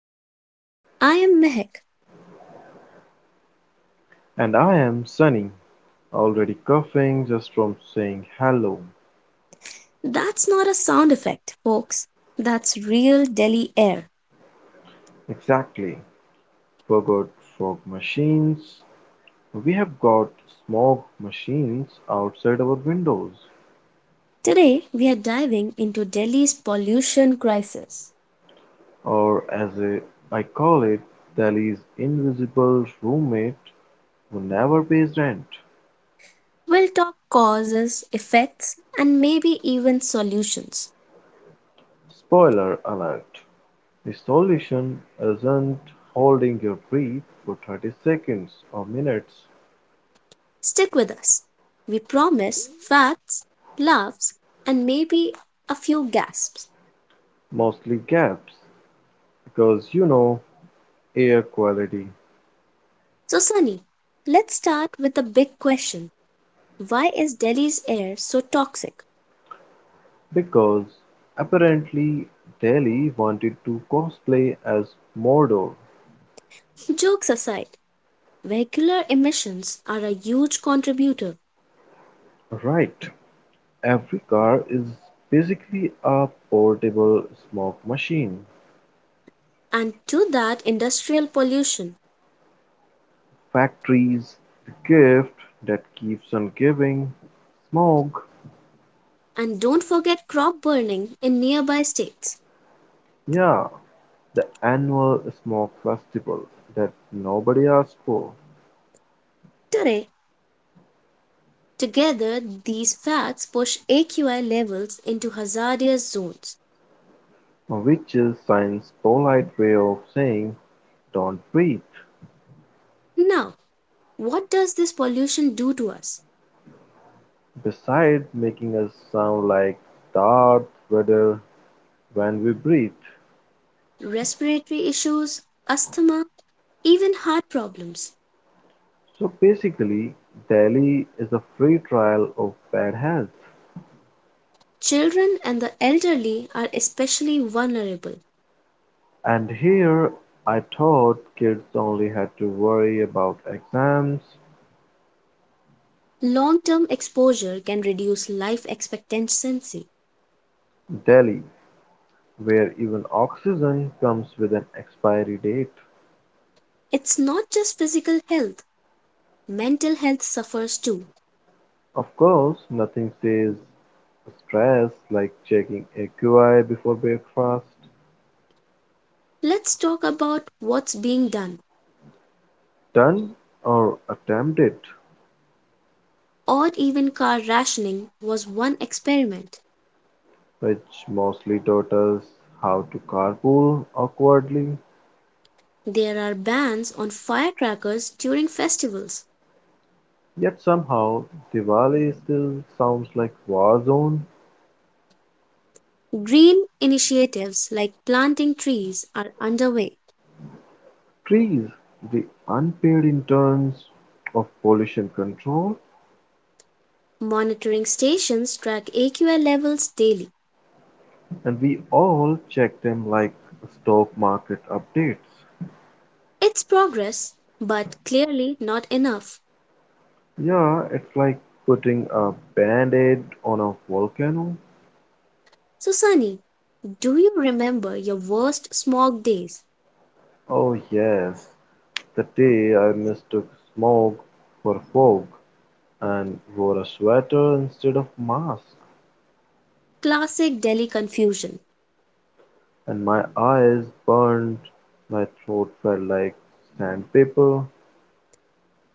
in Delhi. I am Mehak. And I am Sunny, already coughing just from saying hello. That's not a sound effect, folks. That's real Delhi air. Exactly. Forgot fog machines. We have got smog machines outside our windows, Today, we are diving into Delhi's pollution crisis. or I call it, Delhi's invisible roommate who never pays rent. We'll talk causes, effects, and maybe even solutions. Spoiler alert. The solution isn't holding your breath for 30 seconds or minutes, Stick with us. We promise facts, laughs, and maybe a few gasps. mostly gaps, because you know air quality. So, Sunny, let's start with the big question. Why is Delhi's air so toxic? Because, apparently, Daly wanted to cosplay as Mordor. Jokes aside, vehicular emissions are a huge contributor, Right, every car is basically a portable smoke machine. and to that industrial pollution, Factories, the gift that keeps on giving. Smoke, and don't forget crop burning in nearby states. yeah, the annual smoke festival that nobody asked for, Today, together these facts push AQI levels into hazardous zones. which is science's polite way of saying don't breathe. Now, what does this pollution do to us? Besides making us sound like Darth Vader when we breathe. Respiratory issues, asthma, even heart problems. So basically, Delhi is a free trial of bad health. Children and the elderly are especially vulnerable. And here I thought kids only had to worry about exams. Long term exposure can reduce life expectancy. Delhi, where even oxygen comes with an expiry date. It's not just physical health, mental health suffers too. Of course, nothing says stress like checking AQI before breakfast. Let's talk about what's being done. Done or attempted. Odd even car rationing was one experiment. Which mostly taught us how to carpool awkwardly. There are bans on firecrackers during festivals. Yet somehow, Diwali still sounds like war zone. Green initiatives like planting trees are underway. Trees, the unpaid interns of pollution control, Monitoring stations track AQI levels daily. and we all check them like stock market updates. It's progress, but clearly not enough. Yeah, it's like putting a band-aid on a volcano. So, Sunny, do you remember your worst smog days? Oh yes, the day I mistook smoke for fog, and wore a sweater instead of mask, Classic Delhi confusion. and my eyes burned, my throat felt like sandpaper.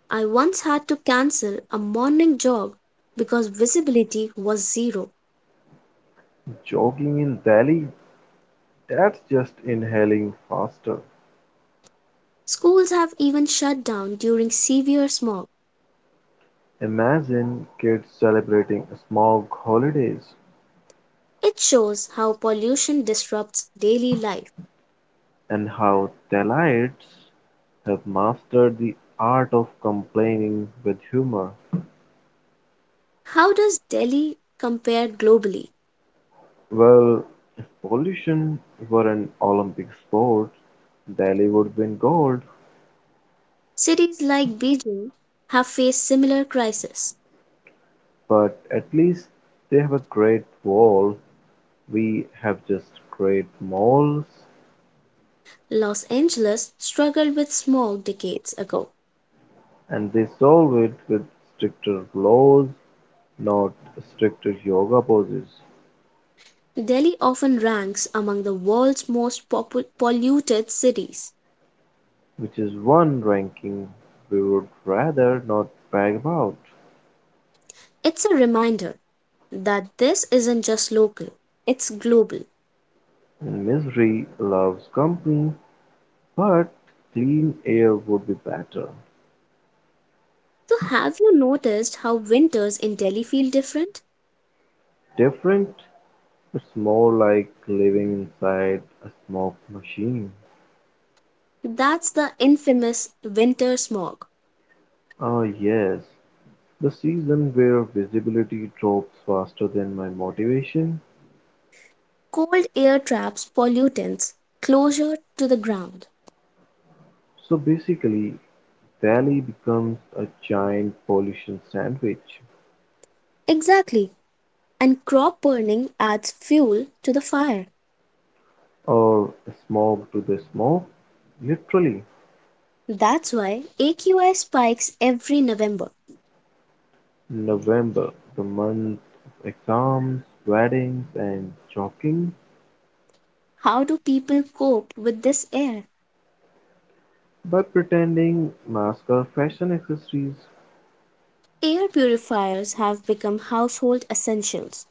I once had to cancel a morning jog because visibility was zero. Jogging in Delhi, that's just inhaling faster. Schools have even shut down during severe smog. Imagine kids celebrating smog holidays, It shows how pollution disrupts daily life. and how Delhiites have mastered the art of complaining with humor. How does Delhi compare globally? Well, if pollution were an Olympic sport, Delhi would win gold. Cities like Beijing have faced similar crises. But at least they have a Great Wall, we have just great malls, Los Angeles struggled with smog decades ago. and they solve it with stricter laws, not stricter yoga poses, Delhi often ranks among the world's most polluted cities. which is one ranking we would rather not brag about. It's a reminder that this isn't just local, it's global. And misery loves company, but clean air would be better. So, have you noticed how winters in Delhi feel different? Different, it's more like living inside a smoke machine. That's the infamous winter smog. Oh, yes, the season where visibility drops faster than my motivation. Cold air traps pollutants closer to the ground. So basically Delhi becomes a giant pollution sandwich, Exactly. And crop burning adds fuel to the fire. or smog to the smoke. Literally, That's why AQI spikes every November. November, the month of exams, weddings, and jogging. How do people cope with this air? By pretending masks are fashion accessories, Air purifiers have become household essentials.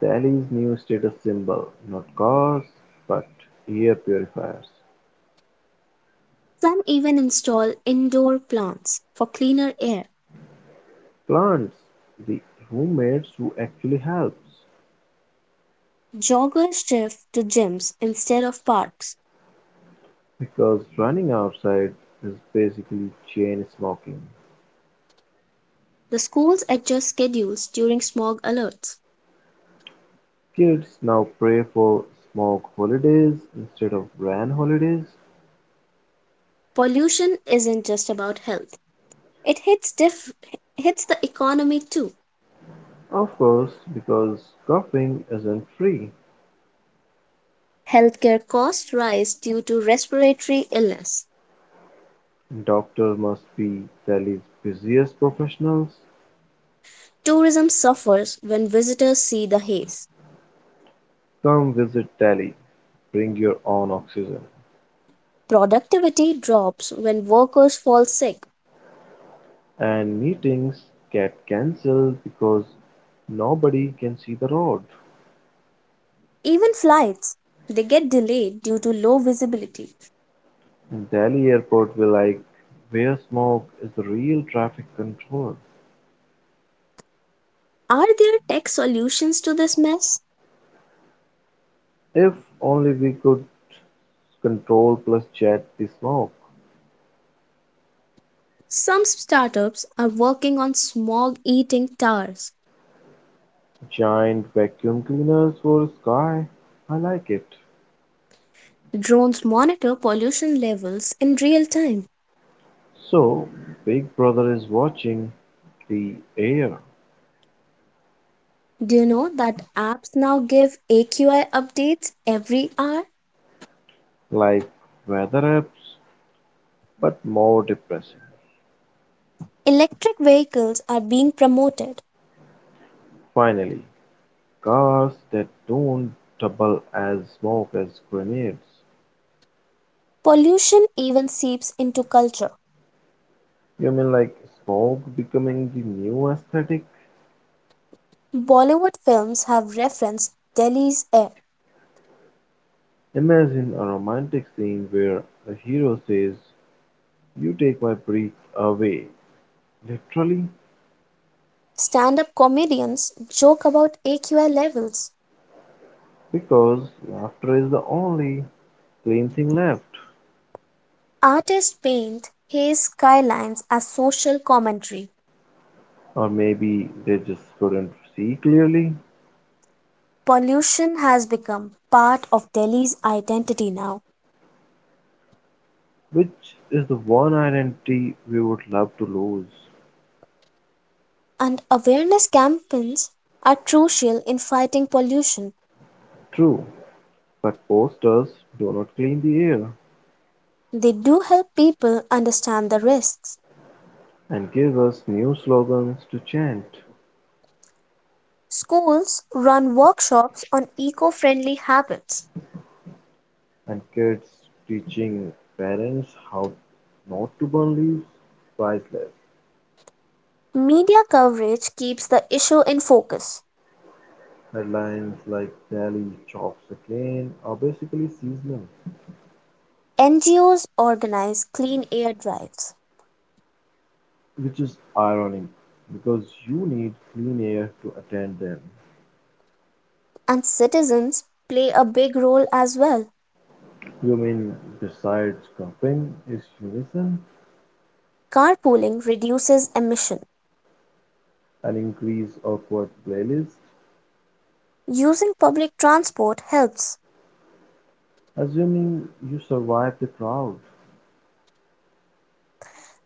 Delhi's new status symbol, not cars, but air purifiers. Some even install indoor plants for cleaner air. Plants, the roommates who actually helps, Joggers shift to gyms instead of parks. because running outside is basically chain smoking. The schools adjust schedules during smog alerts. Kids now pray for smoke holidays instead of rain holidays. Pollution isn't just about health. It hits the economy too. Of course, because coughing isn't free. Healthcare costs rise due to respiratory illness. Doctor must be Delhi's busiest professionals. Tourism suffers when visitors see the haze. Come visit Delhi. Bring your own oxygen. Productivity drops when workers fall sick. And meetings get cancelled because nobody can see the road. Even flights, they get delayed due to low visibility. Delhi airport will like where smoke is the real traffic control. Are there tech solutions to this mess? If only we could control plus jet the smoke. Some startups are working on smog eating towers. Giant vacuum cleaners for sky. I like it. Drones monitor pollution levels in real time. So Big Brother is watching the air, Do you know that apps now give AQI updates every hour? like weather apps but more depressing. Electric vehicles are being promoted. Finally, cars that don't double as smoke as grenades. Pollution even seeps into culture. You mean like smoke becoming the new aesthetic? Bollywood films have referenced Delhi's air. Imagine a romantic scene where the hero says, you take my breath away. Literally, Stand up comedians joke about AQI levels. because laughter is the only clean thing left. Artists paint haze skylines as social commentary. Or maybe they just couldn't see clearly, Pollution has become part of Delhi's identity now, which is the one identity we would love to lose. and awareness campaigns are crucial in fighting pollution. True, but posters do not clean the air, They do help people understand the risks. and give us new slogans to chant. Schools run workshops on eco friendly habits. And kids teaching parents how not to burn leaves, priceless. Media coverage keeps the issue in focus. Headlines like daily chops again are basically seasonal, NGOs organize clean air drives, which is ironic because you need clean air to attend them. and citizens play a big role as well. You mean besides camping is unison, Carpooling reduces emission. an increase awkward playlist, Using public transport helps. assuming you survive the crowd.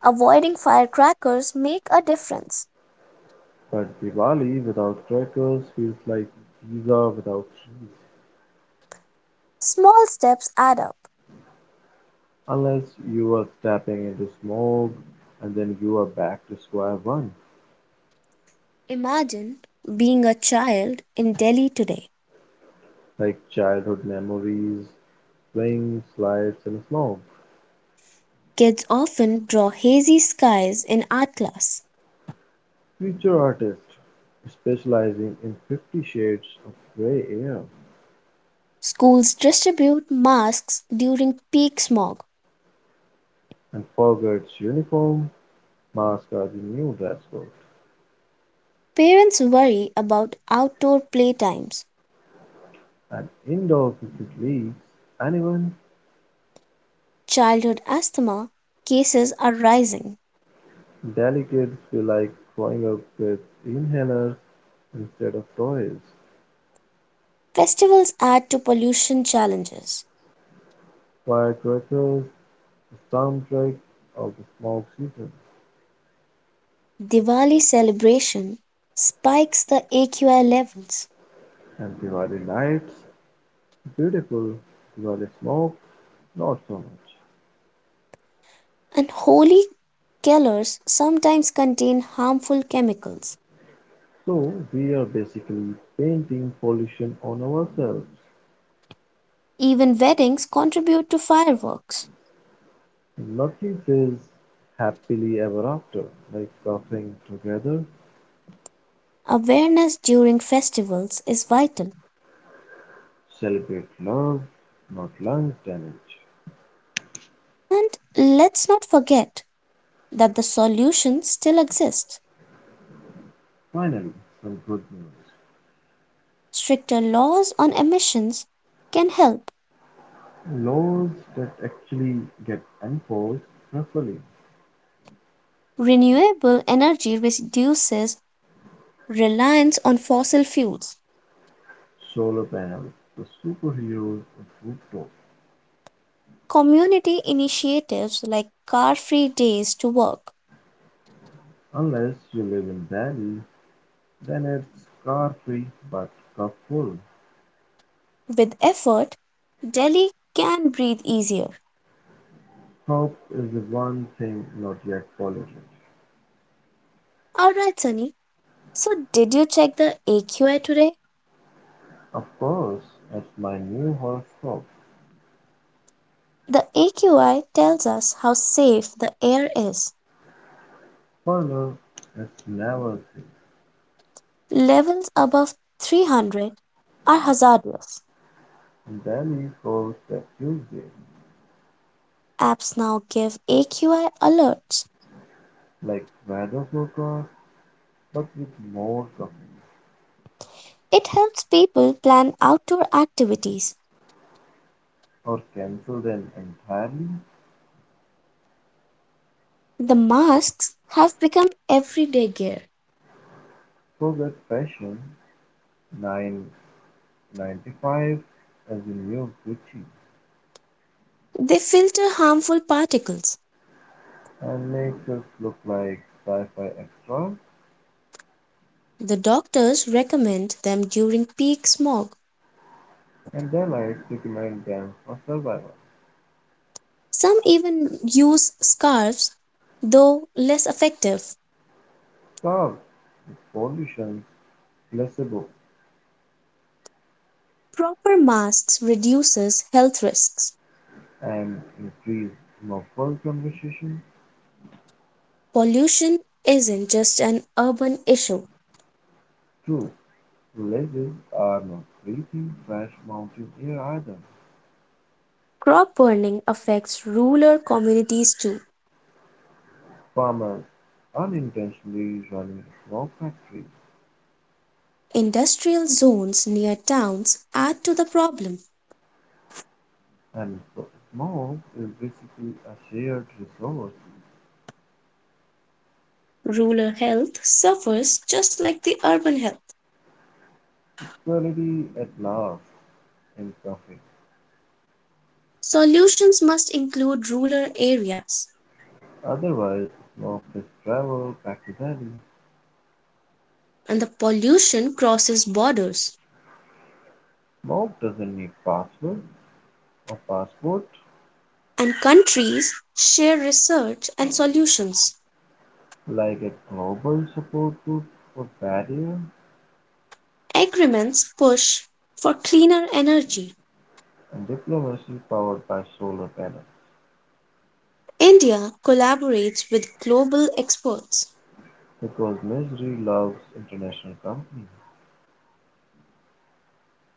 Avoiding firecrackers make a difference. But diwali without crackers feels like pizza without cheese. Small steps add up. Unless you are tapping into smoke, and then you are back to square one, Imagine being a child in Delhi today. like childhood memories, swings, slides, and smoke. Kids often draw hazy skies in art class. Future artists specializing in Fifty Shades of Grey Air. Schools distribute masks during peak smog. And Foggart's uniform, masks are the new dress code. Parents worry about outdoor playtimes. And indoor cricket leagues, anyone? Childhood asthma cases are rising. Delhi kids feel like growing up with inhalers instead of toys. Festivals add to pollution challenges. Firecrackers, the soundtrack of the smoke season. Diwali celebration spikes the AQI levels, And Diwali nights beautiful, Diwali smoke not so much. and holy colors sometimes contain harmful chemicals. So we are basically painting pollution on ourselves. Even weddings contribute to fireworks. Nothing says happily ever after like coughing together, Awareness during festivals is vital. celebrate love, not lungs damage. And let's not forget that the solution still exists. Finally, some good news. Stricter laws on emissions can help. Laws that actually get enforced properly. Renewable energy reduces reliance on fossil fuels. Solar panels, the superheroes of rooftop. Community initiatives like car free days to work. Unless you live in Delhi, then it's car-free but cup-full. With effort, Delhi can breathe easier. Hope is the one thing not yet polluted. Alright, Sunny. So, did you check the AQI today? Of course, it's my new horoscope. The AQI tells us how safe the air is. Further, it's never free. Levels above 300 are hazardous. Delhi forecast Tuesday, Apps now give AQI alerts. like weather forecast but with more coffee. It helps people plan outdoor activities. Or cancel them entirely. The masks have become everyday gear. Forget fashion. 995 as the new Gucci. They filter harmful particles. And makes us look like sci-fi extras, The doctors recommend them during peak smog. and delights recommend them for survival. Some even use scarves, though less effective. Starved with politicians, placebo, Proper masks reduces health risks. and increased muffled conversation. Pollution isn't just an urban issue. True, villages are not breathing fresh mountain air either. Crop burning affects rural communities too. Farmers unintentionally running a smoke factory, Industrial zones near towns add to the problem. and so smoke is basically a shared resource. Rural health suffers just like the urban health. Equality at last in profit. Solutions must include rural areas, Otherwise, Mob just travels back to Delhi. and the pollution crosses borders, Mob doesn't need password or passport. and countries share research and solutions. Like a global support group for barrier, Agreements push for cleaner energy. and diplomacy powered by solar panels. India collaborates with global experts. Because misery loves international company.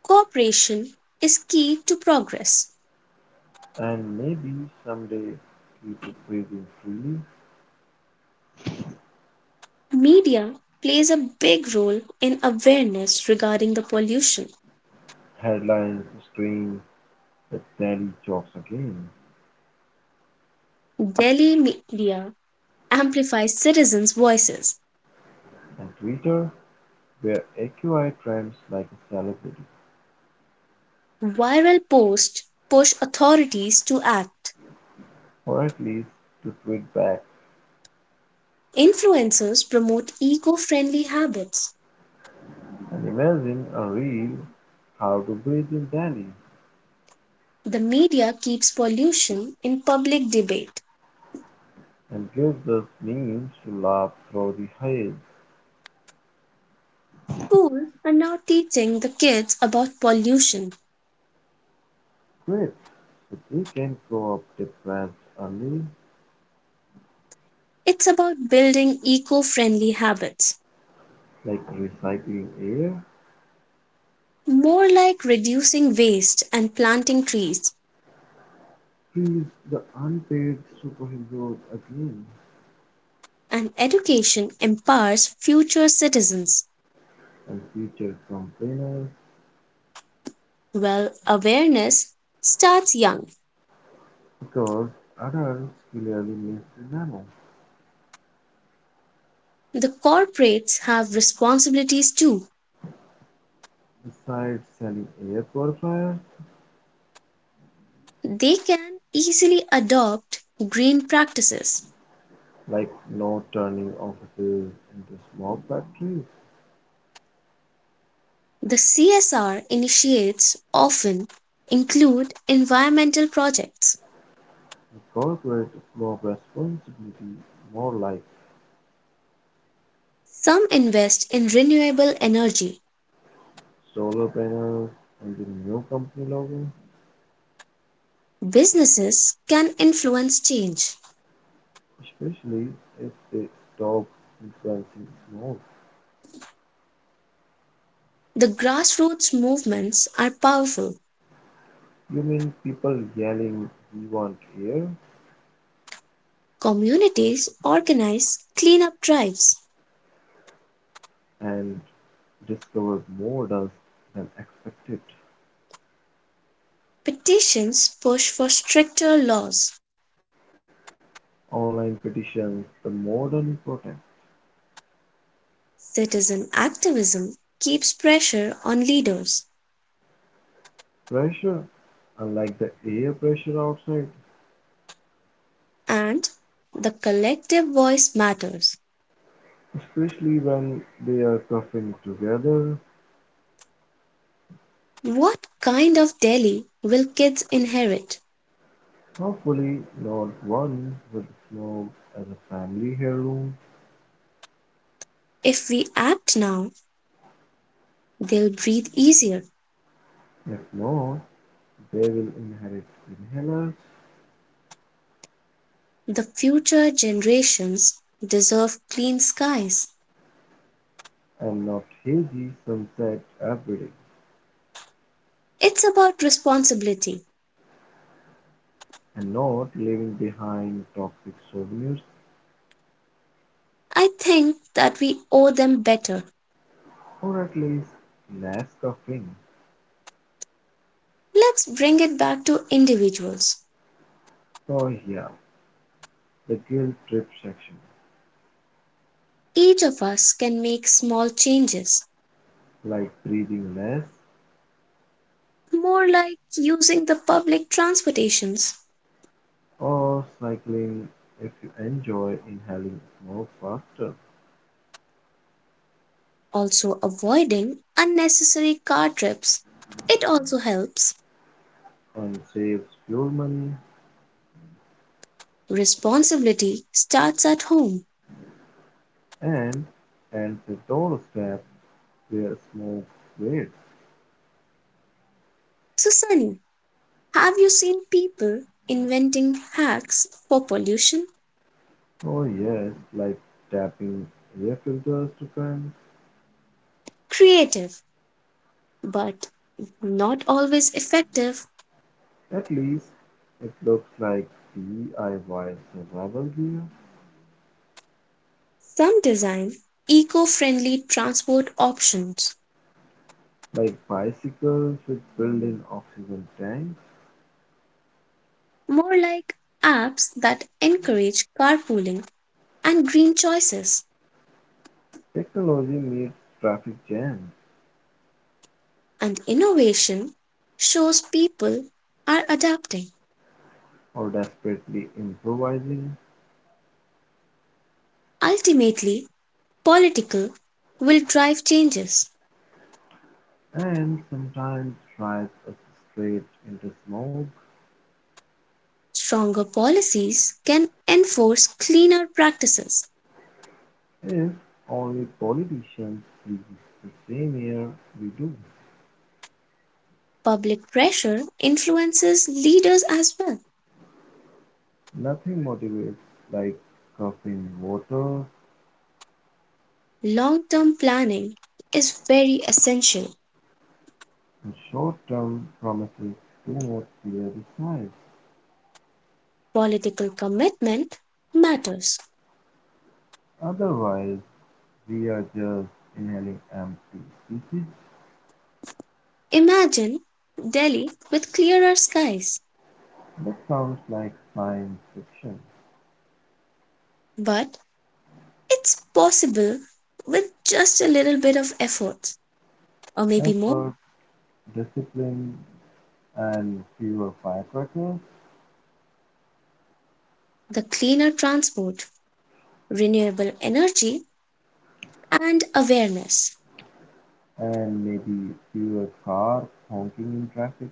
Cooperation is key to progress. And maybe someday key to breathing freely. Media plays a big role in awareness regarding the pollution. Headlines scream that Delhi jokes again. Delhi media amplifies citizens' voices. And Twitter where AQI trends like a celebrity. Viral posts push authorities to act. Or at least to tweet back. Influencers promote eco friendly habits. And imagine a reel, how to breathe in Delhi, The media keeps pollution in public debate. and gives us means to laugh through the hail. Schools are now teaching the kids about pollution. Quit, so they can grow up depressed early. It's about building eco friendly habits, Like recycling air. more like reducing waste and planting trees. Freeze the unpaid superheroes again, And education empowers future citizens. and future complainers, Well, awareness starts young. because adults clearly miss the memo. The corporates have responsibilities too. Besides selling air purifiers, They can easily adopt green practices. like no turning offices into smoke factories. The CSR initiates often include environmental projects. Incorporate more responsibility, more like Some invest in renewable energy. solar panels and the new company logo, Businesses can influence change. especially if they stop influencing smoke. The grassroots movements are powerful. You mean people yelling, we want air, Communities organize cleanup drives. and discover more dust than expected. Petitions push for stricter laws. Online petitions, the modern protest. Citizen activism keeps pressure on leaders, Pressure, unlike the air pressure outside, and the collective voice matters. especially when they are coughing together. What kind of Delhi will kids inherit? Hopefully not one with smoke as a family heirloom. If we act now, they'll breathe easier. If not, they will inherit inhalers, The future generations deserve clean skies. and not hazy sunset abreading, It's about responsibility. and not leaving behind toxic souvenirs, I think that we owe them better. or at least less coughing. Let's bring it back to individuals. So yeah, the guilt trip section, Each of us can make small changes, like breathing less, more like using the public transportations, or cycling if you enjoy inhaling smoke faster, also avoiding unnecessary car trips. It also helps. and saves fuel money. Responsibility starts at home. And at the doorstep where smoke waits. So, Sunny, have you seen people inventing hacks for pollution? Oh yes, like tapping air filters to vent. Creative, but not always effective. At least it looks like DIY survival gear, Some design eco friendly transport options, like bicycles with built-in oxygen tanks. more like apps that encourage carpooling and green choices. Technology meets traffic jams, And innovation shows people are adapting. or desperately improvising, Ultimately, political will drive changes. and sometimes drives us straight into smoke. Stronger policies can enforce cleaner practices. If only politicians breathe the same air we do. Public pressure influences leaders as well. Nothing motivates like coughing water, Long term planning is very essential. and short-term promises do not clear the skies. Political commitment matters. Otherwise, we are just inhaling empty speeches. Imagine Delhi with clearer skies, That sounds like science fiction. but it's possible with just a little bit of effort, or maybe more. Effort, discipline, and fewer firecrackers, The cleaner transport, renewable energy, and awareness. and maybe fewer cars honking in traffic,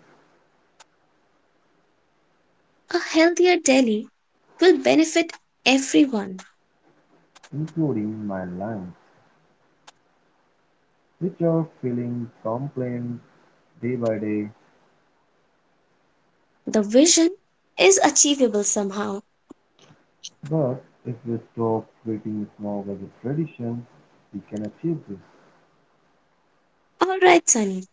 A healthier Delhi will benefit everyone. including my lungs, which are feeling complaints day by day. The vision is achievable somehow. But if we stop treating smog as a tradition, we can achieve this. All right, Sunny.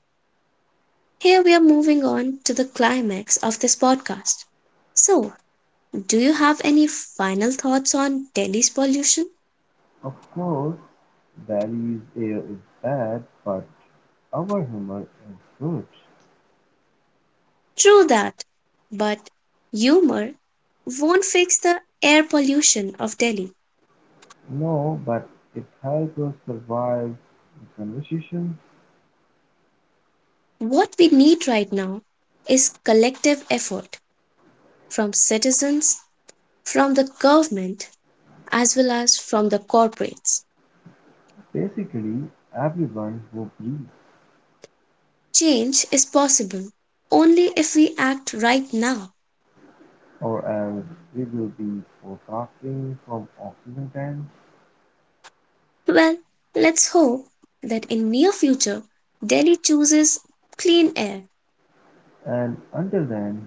Here we are moving on to the climax of this podcast. So, do you have any final thoughts on Delhi's pollution? Of course, Bally's air is bad, but our humor is good. True that. But humor won't fix the air pollution of Delhi. No, but it helps us survive the conversation. What we need right now is collective effort from citizens, from the government, as well as from the corporates. Basically, everyone who breathes, Change is possible only if we act right now. or else we will be forecasting from oxygen tanks. Well, let's hope that in near future Delhi chooses clean air. And until then,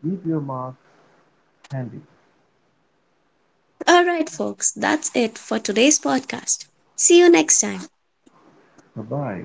keep your mask handy. All right folks, that's it for today's podcast. See you next time. Bye bye.